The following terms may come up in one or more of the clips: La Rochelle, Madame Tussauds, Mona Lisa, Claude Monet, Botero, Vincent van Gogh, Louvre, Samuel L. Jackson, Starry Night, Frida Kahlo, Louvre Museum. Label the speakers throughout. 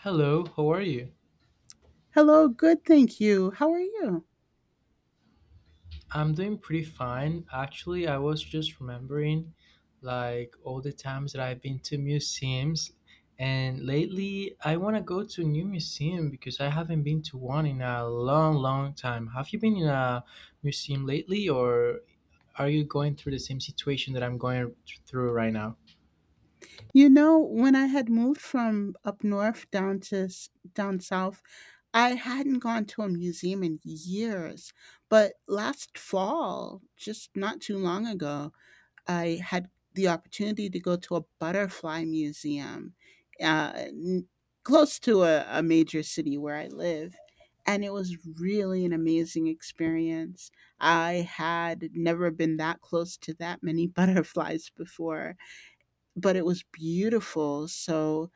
Speaker 1: Hello, how are you?
Speaker 2: Hello, good, thank you. How are you?
Speaker 1: I'm doing pretty fine. Actually, I was just remembering like all the times that I've been to museums, and lately I want to go to a new museum because I haven't been to one in a long, long time. Have you been in a museum lately, or are you going through the same situation that I'm going through right now?
Speaker 2: You know, when I had moved from up north down to down south, I hadn't gone to a museum in years. But last fall, just not too long ago, I had the opportunity to go to a butterfly museum uh, n- close to a major city where I live. And it was really an amazing experience. I had never been that close to that many butterflies before, but it was beautiful. So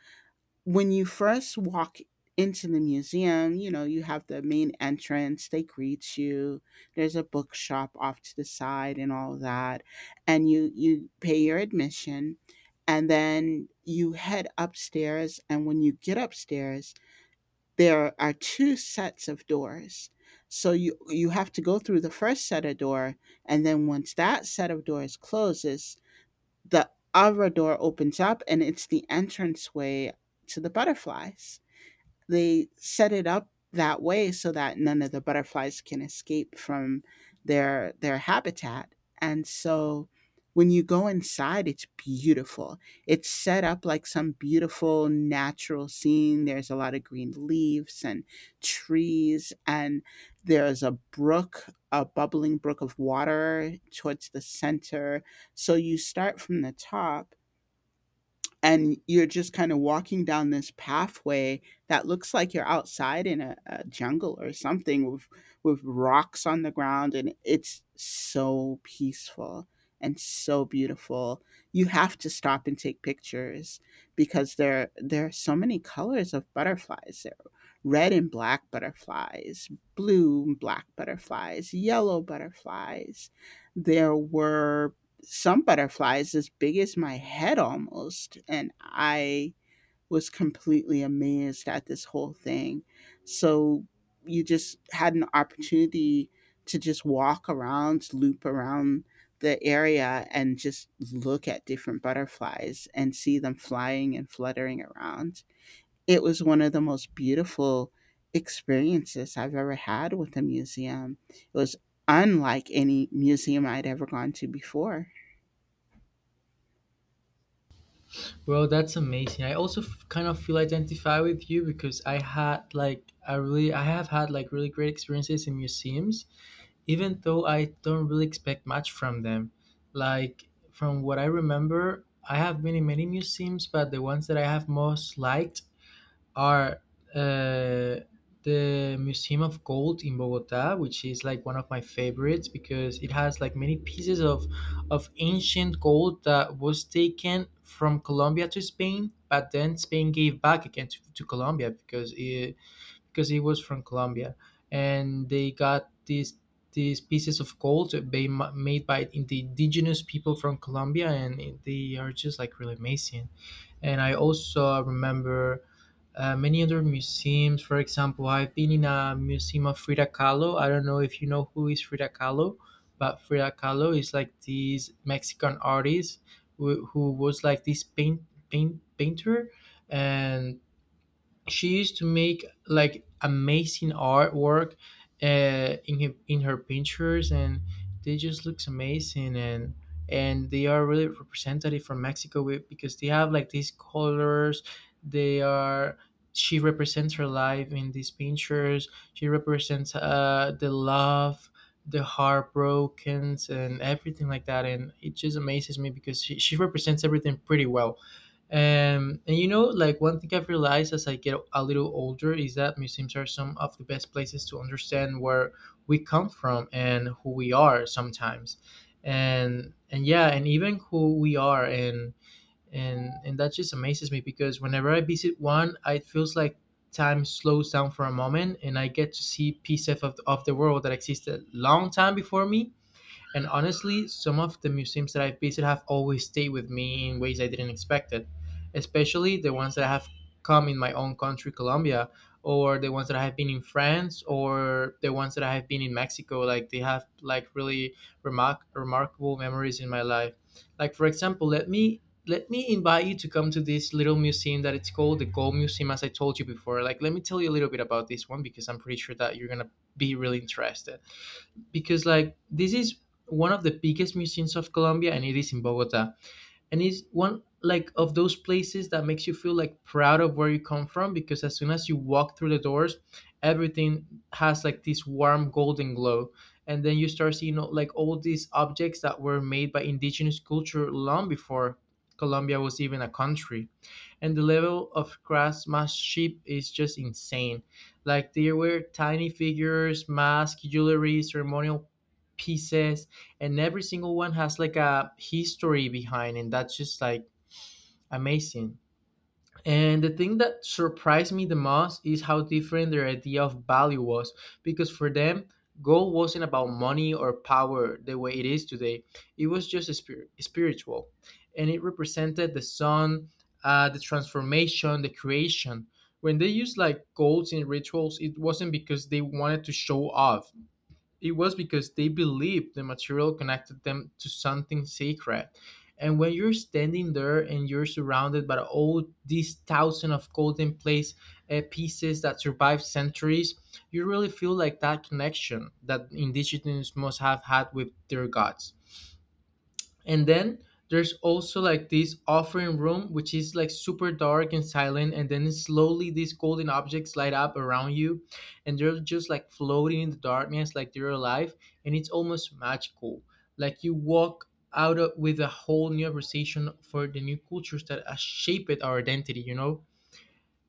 Speaker 2: when you first walk into the museum, you know, you have the main entrance, they greet you. There's a bookshop off to the side and all that. And you pay your admission, and then you head upstairs, and when you get upstairs, there are two sets of doors. So you have to go through the first set of door, and then once that set of doors closes, the Arador opens up and it's the entranceway to the butterflies. They set it up that way so that none of the butterflies can escape from their habitat. And so when you go inside, it's beautiful. It's set up like some beautiful natural scene. There's a lot of green leaves and trees, and there's a brook, a bubbling brook of water towards the center. So you start from the top and you're just kind of walking down this pathway that looks like you're outside in a jungle or something with rocks on the ground, and it's so peaceful and so beautiful you have to stop and take pictures because there are so many colors of butterflies. There are red and black butterflies, blue and black butterflies, yellow butterflies. There were some butterflies as big as my head almost. And I was completely amazed at this whole thing. So you just had an opportunity to just walk around, loop around the area, and just look at different butterflies and see them flying and fluttering around. It was one of the most beautiful experiences I've ever had with a museum. It was unlike any museum I'd ever gone to before.
Speaker 1: Well, that's amazing. I also kind of feel identified with you because I have had like really great experiences in museums even though I don't really expect much from them. Like, from what I remember, I have been in many museums, but the ones that I have most liked are uh, the Museum of Gold in Bogota, which is like one of my favorites because it has like many pieces of ancient gold that was taken from Colombia to Spain, but then Spain gave back again to Colombia because because he was from Colombia, and they got these pieces of gold that they made by in the indigenous people from Colombia, and they are just like really amazing. And I also remember. Many other museums. For example, I've been in a museum of Frida Kahlo. I don't know if you know who is Frida Kahlo, but Frida Kahlo is like this Mexican artist who was like this painter, and she used to make like amazing artwork in in her pictures, and they just looks amazing, and they are really representative from Mexico with because they have like these colors. They are, she represents her life in these pictures. She represents the love, the heartbrokens, and everything like that, and it just amazes me because she represents everything pretty well. And you know, like one thing I've realized as I get a little older is that museums are some of the best places to understand where we come from and who we are sometimes. And yeah, and even who we are, and that just amazes me because whenever I visit one, it feels like time slows down for a moment and I get to see pieces of the world that existed long time before me. And honestly, some of the museums that I've visited have always stayed with me in ways I didn't expect it, especially the ones that have come in my own country, Colombia, or the ones that I have been in France, or the ones that I have been in Mexico. Like they have like really remarkable memories in my life. Like for example, let me invite you to come to this little museum that it's called the Gold Museum, as I told you before. Like let me tell you a little bit about this one because I'm pretty sure that you're gonna be really interested because like this is one of the biggest museums of Colombia, and it is in Bogota, and it's one like of those places that makes you feel like proud of where you come from because as soon as you walk through the doors, everything has like this warm golden glow. And then you start seeing like all these objects that were made by indigenous culture long before colombia was even a country, and the level of craftsmanship is just insane. Like there were tiny figures, masks, jewelry, ceremonial pieces, and every single one has like a history behind, and that's just like amazing. And the thing that surprised me the most is how different their idea of value was, because for them, gold wasn't about money or power the way it is today. It was just a spiritual, and it represented the sun, the transformation, the creation. When they used like golds in rituals, it wasn't because they wanted to show off. It was because they believed the material connected them to something sacred. And when you're standing there and you're surrounded by all these thousand of golden place pieces that survived centuries, you really feel like that connection that indigenous must have had with their gods. And then there's also like this offering room, which is like super dark and silent, and then slowly these golden objects light up around you, and they're just like floating in the darkness like they're alive, and it's almost magical. Like you walk with a whole new appreciation for the new cultures that has shaped our identity, you know.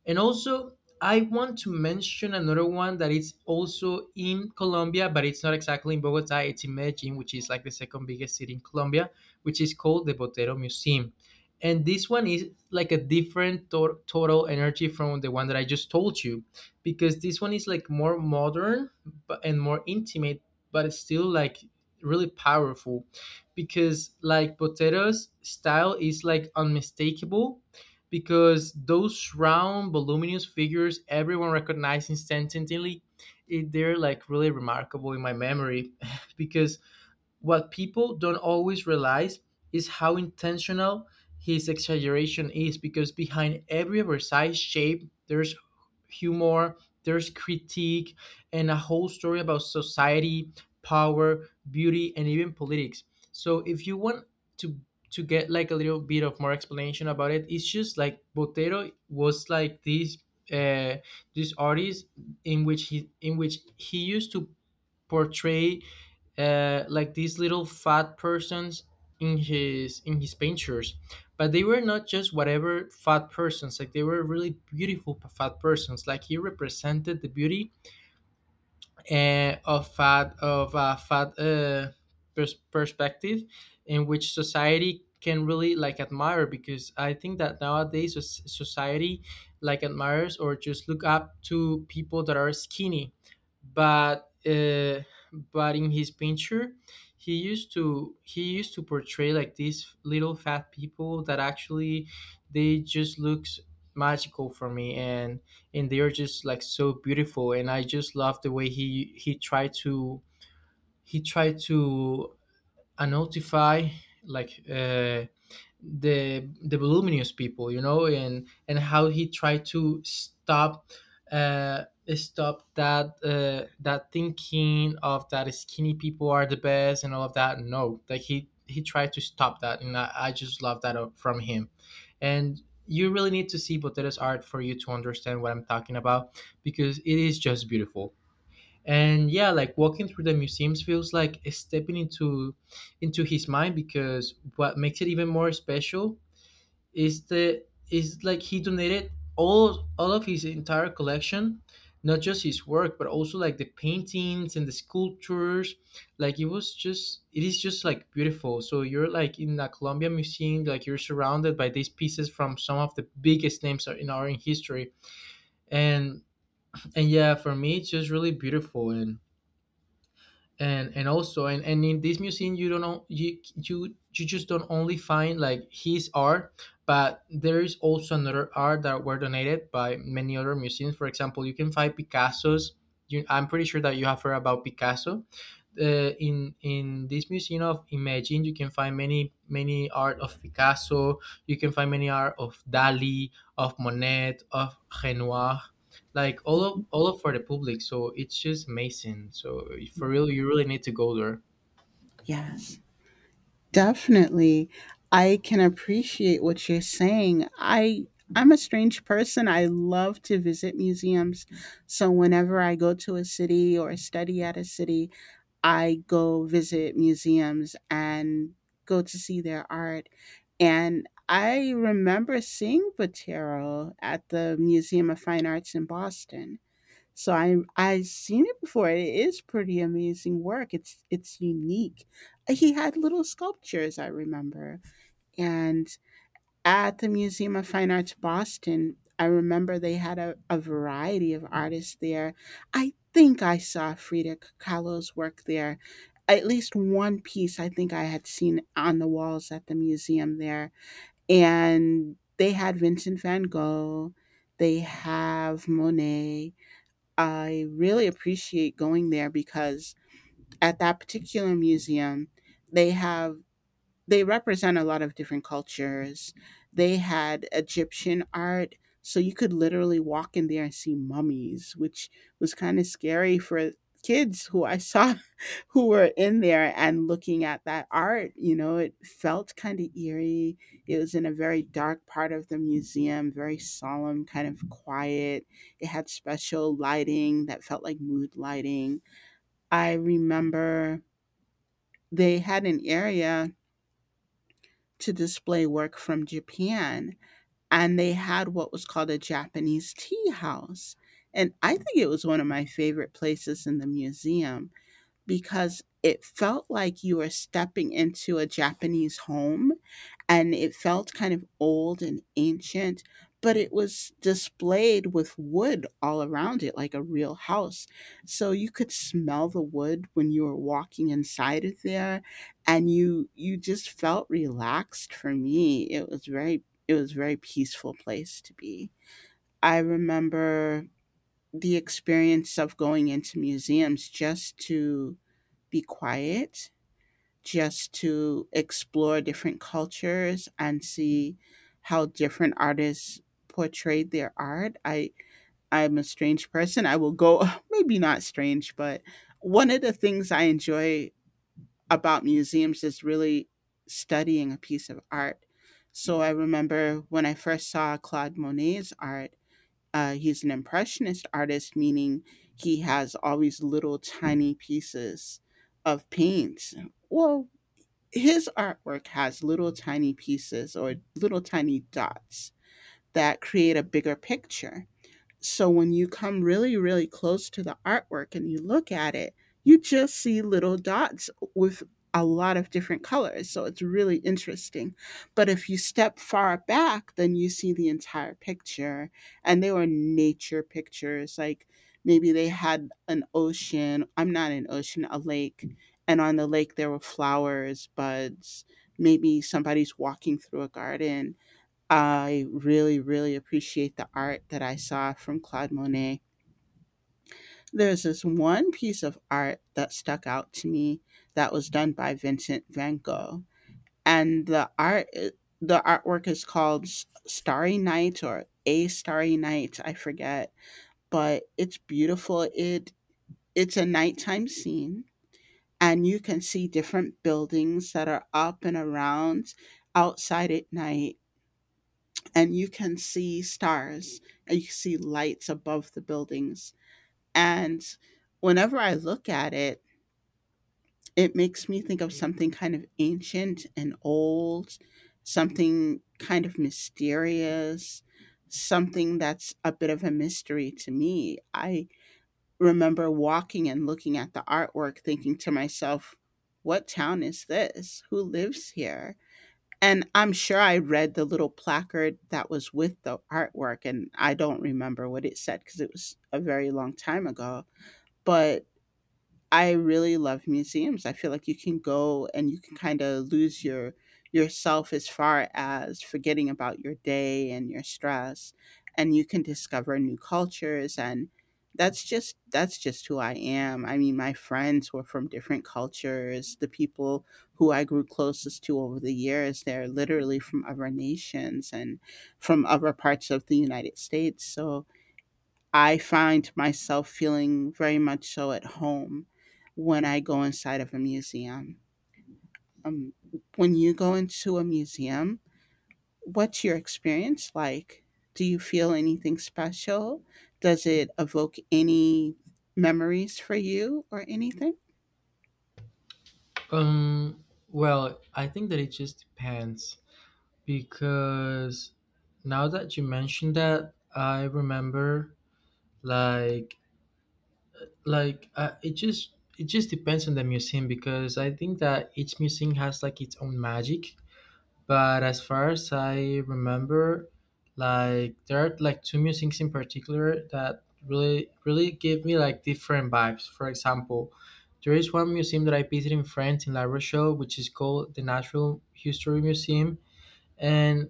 Speaker 1: And also, I want to mention another one that is also in Colombia, but it's not exactly in Bogota. It's in Medellin, which is like the second biggest city in Colombia, which is called the Botero Museum. And this one is like a different total energy from the one that I just told you, because this one is like more modern but, and more intimate, but it's still like really powerful, because like Botero's style is like unmistakable, because those round, voluminous figures everyone recognizes instantly. It, they're like really remarkable in my memory because what people don't always realize is how intentional his exaggeration is, because behind every oversized shape, there's humor, there's critique, and a whole story about society, power, beauty, and even politics. So if you want to to get like a little bit of more explanation about it, it's just like Botero was like this uh, this artist in which he used to portray like these little fat persons in his pictures. But they were not just whatever fat persons. Like they were really beautiful fat persons. Like he represented the beauty of of a fat perspective in which society can really like admire because I think that nowadays society like admires or just look up to people that are skinny, but uh, but in his picture, he used to portray like these little fat people that actually they just looks magical for me. And they're just like so beautiful, and I just love the way he tried to notify like uh the voluminous people, you know, and how he tried to stop uh stop that that thinking of that skinny people are the best and all of that. No, like he tried to stop that, and I just love that from him. And you really need to see Botero's art for you to understand what I'm talking about, because it is just beautiful. And yeah, like walking through the museums feels like stepping into his mind, because what makes it even more special is the is like he donated all of his entire collection, not just his work but also like the paintings and the sculptures. Like it is just like beautiful. So you're like in the columbia museum, like you're surrounded by these pieces from some of the biggest names in history. and and yeah, for me it's just really beautiful. And in this museum, you don't know you you you just don't only find like his art, but there is also another art that were donated by many other museums. For example, you can find picasso's. I'm pretty sure that you have heard about picasso. uh, in this museum of imagine, you can find many art of picasso, you can find many art of dali, of monet, of renoir, like all of for the public. So it's just amazing. So for real, you really need to go there.
Speaker 2: Yes, definitely. I can appreciate what you're saying. I'm a strange person. I love to visit museums. So whenever I go to a city or study at a city, I go visit museums and go to see their art. And I remember seeing Botero at the Museum of Fine Arts in Boston. So I seen it before. It is pretty amazing work. It's unique. He had little sculptures, I remember. And at the Museum of Fine Arts Boston, I remember they had a variety of artists there. I think I saw Frida Kahlo's work there. At least one piece I think I had seen on the walls at the museum there. And they had Vincent van Gogh. They have Monet. I really appreciate going there because at that particular museum, they have they represent a lot of different cultures. They had Egyptian art, so you could literally walk in there and see mummies, which was kind of scary for kids who I saw who were in there and looking at that art. You know, it felt kind of eerie. It was in a very dark part of the museum, very solemn, kind of quiet. It had special lighting that felt like mood lighting. I remember they had an area to display work from Japan, and they had what was called a Japanese tea house. And I think it was one of my favorite places in the museum because it felt like you were stepping into a Japanese home, and it felt kind of old and ancient, but it was displayed with wood all around it, like a real house. So you could smell the wood when you were walking inside of there, and you just felt relaxed. For me, it was very it was a very peaceful place to be. I remember the experience of going into museums just to be quiet, just to explore different cultures and see how different artists portrayed their art. I'm a strange person. I will go maybe not strange, but one of the things I enjoy about museums is really studying a piece of art. So I remember when I first saw Claude Monet's art, he's an impressionist artist, meaning he has all these little tiny pieces of paint well his artwork has little tiny pieces or little tiny dots that create a bigger picture. So when you come really, really close to the artwork and you look at it, you just see little dots with a lot of different colors. So it's really interesting. But if you step far back, then you see the entire picture. And they were nature pictures. Like maybe they had an ocean. A lake. And on the lake, there were flowers, buds. Maybe somebody's walking through a garden. I really, really appreciate the art that I saw from Claude Monet. There's this one piece of art that stuck out to me that was done by Vincent van Gogh, and the artwork is called "Starry Night" or "A Starry Night," I forget, but it's beautiful. It's a nighttime scene, and you can see different buildings that are up and around outside at night, and you can see stars, and you can see lights above the buildings. And whenever I look at it, it makes me think of something kind of ancient and old, something kind of mysterious, something that's a bit of a mystery to me. I remember walking and looking at the artwork, thinking to myself, what town is this? Who lives here? And I'm sure I read the little placard that was with the artwork, and I don't remember what it said because it was a very long time ago, but I really love museums. I feel like you can go and you can kind of lose your yourself as far as forgetting about your day and your stress, and you can discover new cultures, and that's just who I am. I mean, my friends were from different cultures. The people who I grew closest to over the years, they're literally from other nations and from other parts of the United States. So, I find myself feeling very much so at home when I go inside of a museum. Um, when you go into a museum, what's your experience like? Do you feel anything special? Does it evoke any memories for you or anything?
Speaker 1: Well, I think that it just depends because now that you mentioned that, I remember, like like uh, it just it just depends on the museum because I think that each museum has like its own magic. But as far as I remember, like there are like two musings in particular that really give me like different vibes. For example, there is one museum that I visited in France in La Rochelle, which is called the Natural History Museum, and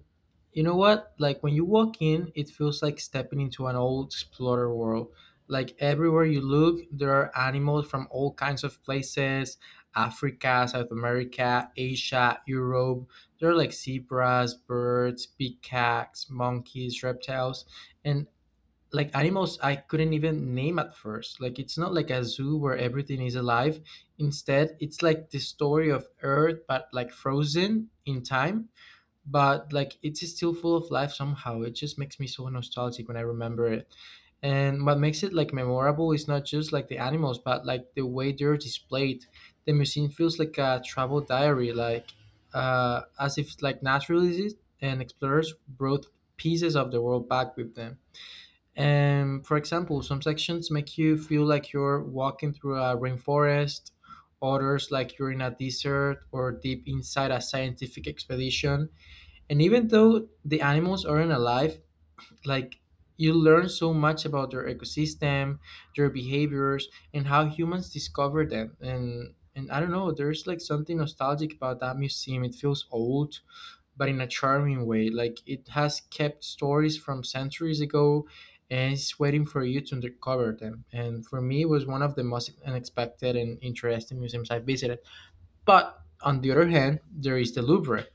Speaker 1: you know what? Like when you walk in, it feels like stepping into an old explorer world. Like everywhere you look, there are animals from all kinds of places: Africa, South America, Asia, Europe. There are like zebras, birds, peacocks, monkeys, reptiles, and like animals I couldn't even name at first. Like it's not like a zoo where everything is alive. Instead, it's like the story of Earth, but like frozen in time, but like it's still full of life somehow. It just makes me so nostalgic when I remember it. And what makes it like memorable is not just like the animals, but like the way they're displayed. The museum feels like a travel diary, like as if like naturalists and explorers brought pieces of the world back with them. And for example, some sections make you feel like you're walking through a rainforest, others like you're in a desert or deep inside a scientific expedition, and even though the animals aren't alive, like you learn so much about their ecosystem, their behaviors, and how humans discover them. And I don't know, there's like something nostalgic about that museum. It feels old, but in a charming way. Like it has kept stories from centuries ago, and it's waiting for you to uncover them. And for me, it was one of the most unexpected and interesting museums I visited. But on the other hand, there is the Louvre.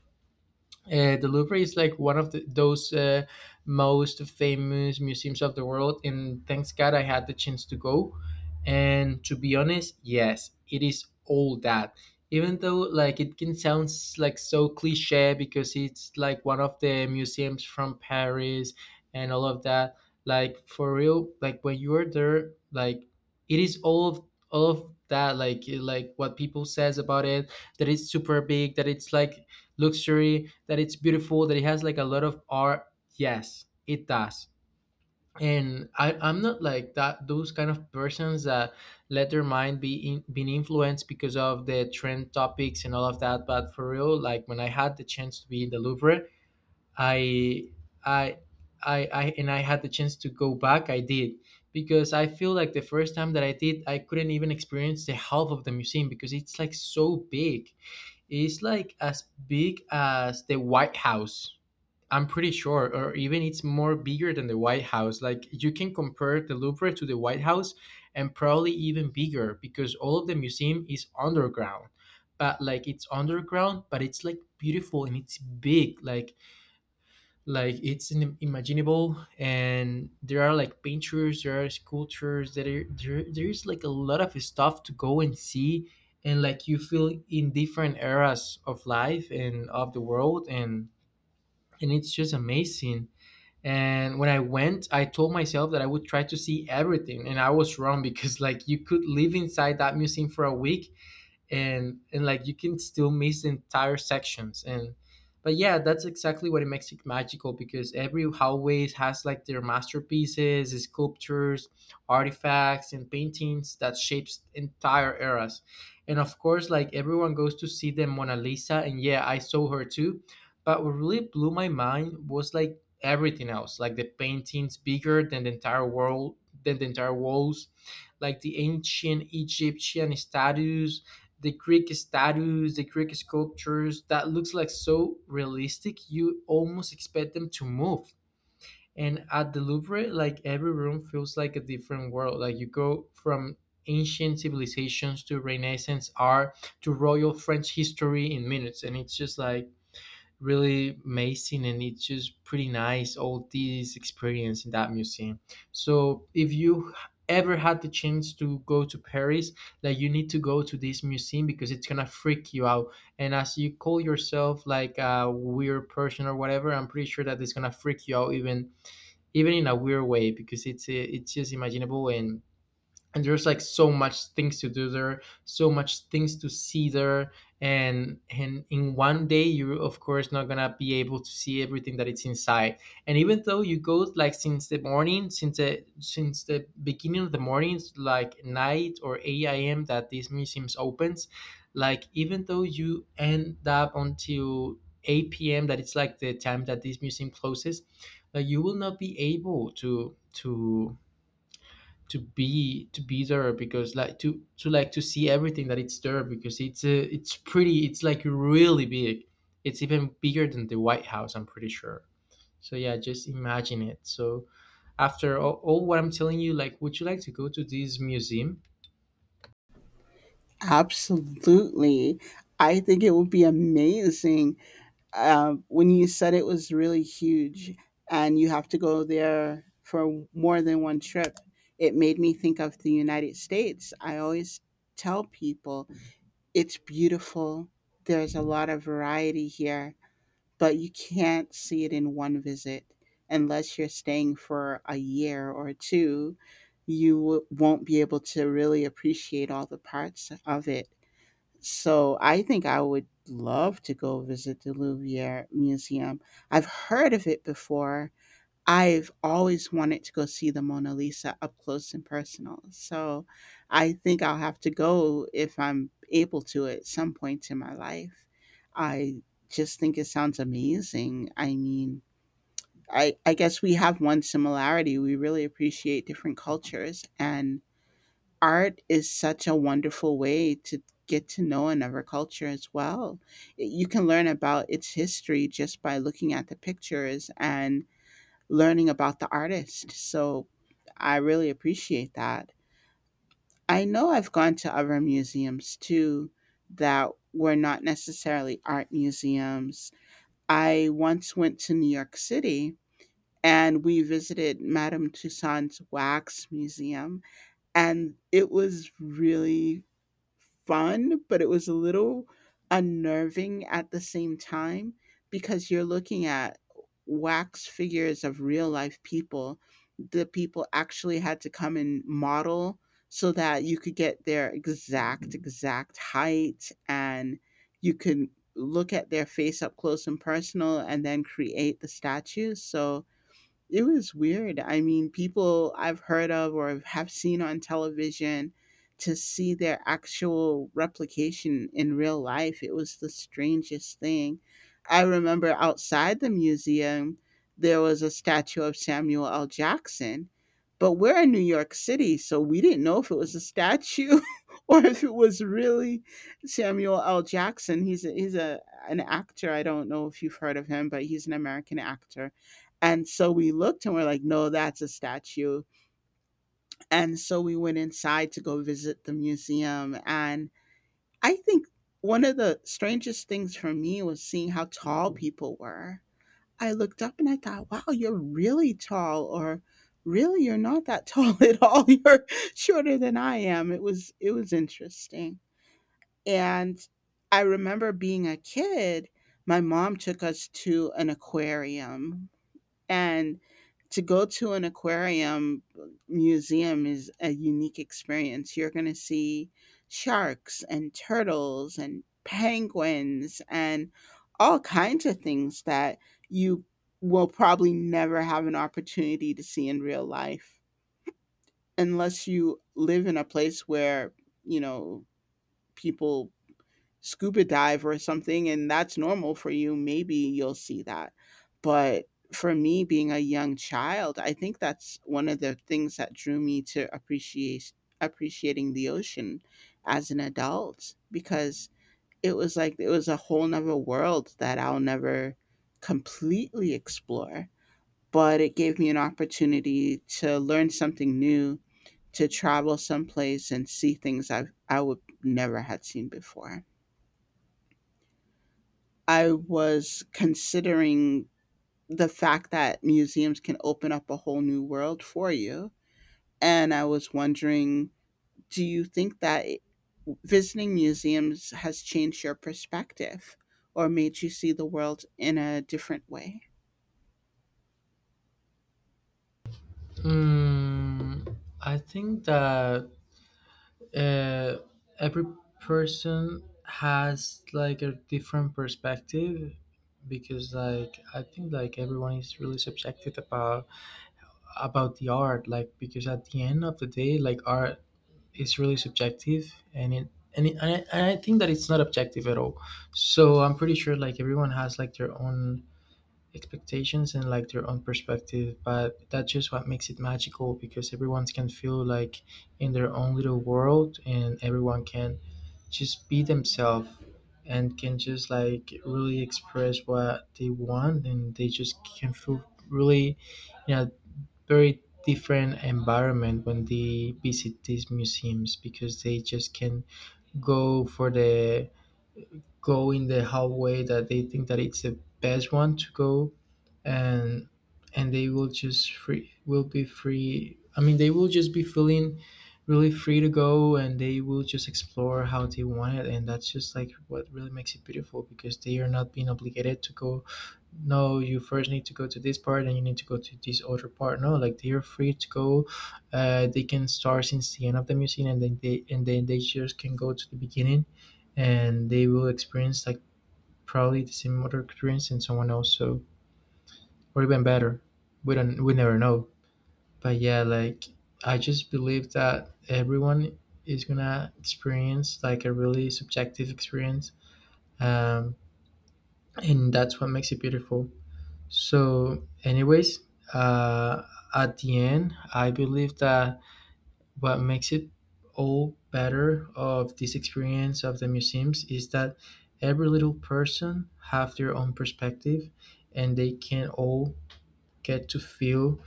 Speaker 1: The Louvre is like one of those most famous museums of the world, and thanks God I had the chance to go. And to be honest, yes, it is all that. Even though like it can sound like so cliche, because it's like one of the museums from Paris and all of that. Like for real, like when you are there, like it is all of that. Like what people says about it, that it's super big, that it's like luxury, that it's beautiful, that it has like a lot of art. Yes, it does. And I'm not like that those kind of persons that let their mind be being influenced because of the trend topics and all of that. But for real, like when I had the chance to be in the Louvre, I I I and I had the chance to go back, I did, because I feel like the first time that I did, I couldn't even experience the half of the museum because it's like so big. It's like as big as the White House. I'm pretty sure, or even it's more bigger than the White House. Like you can compare the Louvre to the White House, and probably even bigger because all of the museum is underground. But like it's underground, but it's like beautiful and it's big. Like it's unimaginable, and there are like painters, there are sculptures that are there, there's like a lot of stuff to go and see, and like you feel in different eras of life and of the world, and it's just amazing. And when I went, I told myself that I would try to see everything, and I was wrong because like you could live inside that museum for a week, and like you can still miss entire sections. And but yeah, that's exactly what it makes it magical, because every hallway has like their masterpieces, sculptures, artifacts, and paintings that shapes entire eras. And of course, like everyone goes to see the Mona Lisa, and yeah, I saw her too. But what really blew my mind was like everything else, like the paintings bigger than the entire world, than the entire walls, like the ancient Egyptian statues, the Greek statues, the Greek sculptures that looks like so realistic, you almost expect them to move. And at the Louvre, like every room feels like a different world. Like you go from ancient civilizations to Renaissance art to royal French history in minutes, and it's just like really amazing, and it's just pretty nice, all this experience in that museum. So if you ever had the chance to go to Paris, like you need to go to this museum because it's gonna freak you out. And as you call yourself like a weird person or whatever, I'm pretty sure that it's gonna freak you out, even in a weird way, because it's just imaginable. And there's like so much things to do there, so much things to see there, and in one day you're of course not gonna be able to see everything that it's inside. And even though you go like since the morning, since the beginning of the mornings, like night or 8 a.m. that these museums opens, like even though you end up until 8 p.m. that it's like the time that this museum closes, like you will not be able to be there, because like to like to see everything that it's there, because it's pretty, it's like really big, it's even bigger than the White House, I'm pretty sure. So yeah, just imagine it. So after all what I'm telling you, like would you like to go to this museum?
Speaker 2: Absolutely. I think it would be amazing. When you said it was really huge and you have to go there for more than one trip, it made me think of the United States. I always tell people it's beautiful, there's a lot of variety here, but you can't see it in one visit unless you're staying for a year or two. You won't be able to really appreciate all the parts of it. So I think I would love to go visit the Louvre Museum. I've heard of it before. I've always wanted to go see the Mona Lisa up close and personal. So I think I'll have to go if I'm able to at some point in my life. I just think it sounds amazing. I mean, I guess we have one similarity. We really appreciate different cultures. And art is such a wonderful way to get to know another culture as well. You can learn about its history just by looking at the pictures and learning about the artist. So I really appreciate that. I know I've gone to other museums too that were not necessarily art museums. I once went to New York City and we visited Madame Tussauds Wax Museum, and it was really fun, but it was a little unnerving at the same time because you're looking at wax figures of real life people. The people actually had to come and model so that you could get their exact height, and you could look at their face up close and personal and then create the statues. So it was weird. I mean, people I've heard of or have seen on television, to see their actual replication in real life, it was the strangest thing. I remember outside the museum, there was a statue of Samuel L. Jackson, but we're in New York City, so we didn't know if it was a statue or if it was really Samuel L. Jackson. He's a an actor. I don't know if you've heard of him, but he's an American actor, and so we looked and we're like, no, that's a statue. And so we went inside to go visit the museum. And I think one of the strangest things for me was seeing how tall people were. I looked up and I thought, wow, you're really tall, or really, you're not that tall at all. You're shorter than I am. It was interesting. And I remember being a kid, my mom took us to an aquarium, and to go to an aquarium museum is a unique experience. You're going to see sharks and turtles and penguins and all kinds of things that you will probably never have an opportunity to see in real life unless you live in a place where, you know, people scuba dive or something and that's normal for you, maybe you'll see that. But for me, being a young child, I think that's one of the things that drew me to appreciate appreciating the ocean as an adult because it was a whole nother world that I'll never completely explore. But it gave me an opportunity to learn something new, to travel someplace and see things I would never had seen before. I was considering the fact that museums can open up a whole new world for you. And I was wondering, do you think that visiting museums has changed your perspective or made you see the world in a different way?
Speaker 1: mm, I think that uh, every person has like a different perspective, because like I think like everyone is really subjective about the art, like because at the end of the day, like art is really subjective, and I think that it's not objective at all. So I'm pretty sure like everyone has like their own expectations and like their own perspective, but that's just what makes it magical, because everyone can feel like in their own little world, and everyone can just be themselves, and can just like really express what they want, and they just can feel really, you know very different environment when they visit these museums, because they just can go for the go in the hallway that they think that it's the best one to go. And and they will just free will be free, I mean they will just be feeling really free to go, and they will just explore how they want it, and that's just like what really makes it beautiful, because they are not being obligated to go. No, you first need to go to this part, and you need to go to this other part. No, like they are free to go. They can start since the end of the museum, and then they just can go to the beginning, and they will experience like probably the same motor experience in someone else, so, or even better, we don't we never know. But yeah, like I just believe that everyone is gonna experience like a really subjective experience. um, and that's what makes it beautiful. So anyways, uh, at the end I believe that what makes it all better of this experience of the museums is that every little person have their own perspective, and they can all get to feel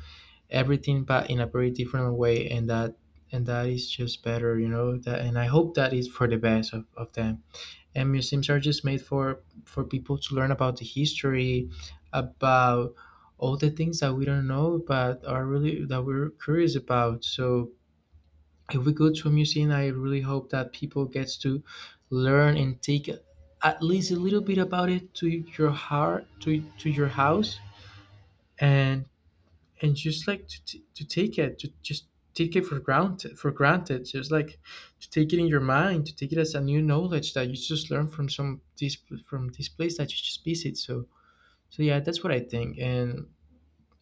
Speaker 1: everything, but in a very different way, and that is just better, you know that. And I hope that is for the best of them. And museums are just made for people to learn about the history, about all the things that we don't know but are really that we're curious about. So if we go to a museum, I really hope that people gets to learn and take at least a little bit about it to your heart, to your house, and and just like to take it, to just take it for granted, just like to take it in your mind, to take it as a new knowledge that you just learn from this place that you just visit. So yeah, that's what I think. and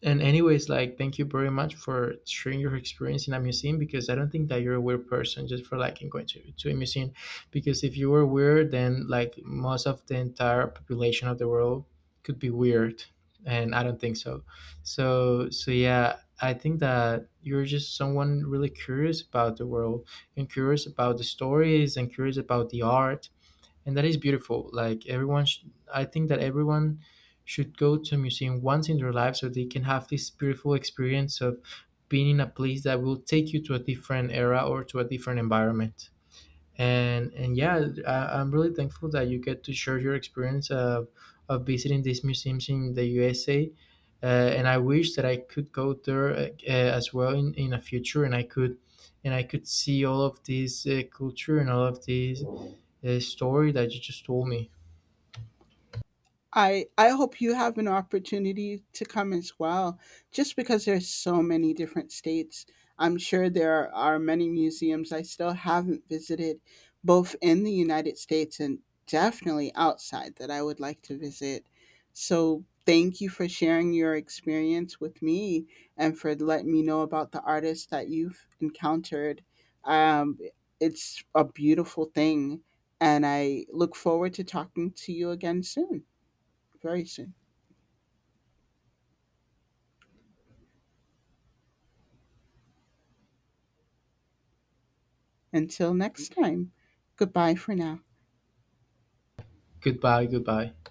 Speaker 1: and anyways, like thank you very much for sharing your experience in a museum, because I don't think that you're a weird person just for liking going to a museum. Because if you were weird, then like most of the entire population of the world could be weird. And I don't think so. So yeah, I think that you're just someone really curious about the world, and curious about the stories, and curious about the art, and that is beautiful. Like I think that everyone should go to a museum once in their life, so they can have this beautiful experience of being in a place that will take you to a different era or to a different environment. And yeah, I'm really thankful that you get to share your experience of visiting these museums in the USA. And I wish that I could go there, as well, in a future, and I could see all of this culture and all of this story that you just told me.
Speaker 2: I hope you have an opportunity to come as well, just because there's so many different states. I'm sure there are many museums I still haven't visited, both in the United States and definitely outside that I would like to visit. So thank you for sharing your experience with me and for letting me know about the artists that you've encountered. Um, it's a beautiful thing, and I look forward to talking to you again soon. Very soon. Until next time, goodbye for now.
Speaker 1: Goodbye, goodbye.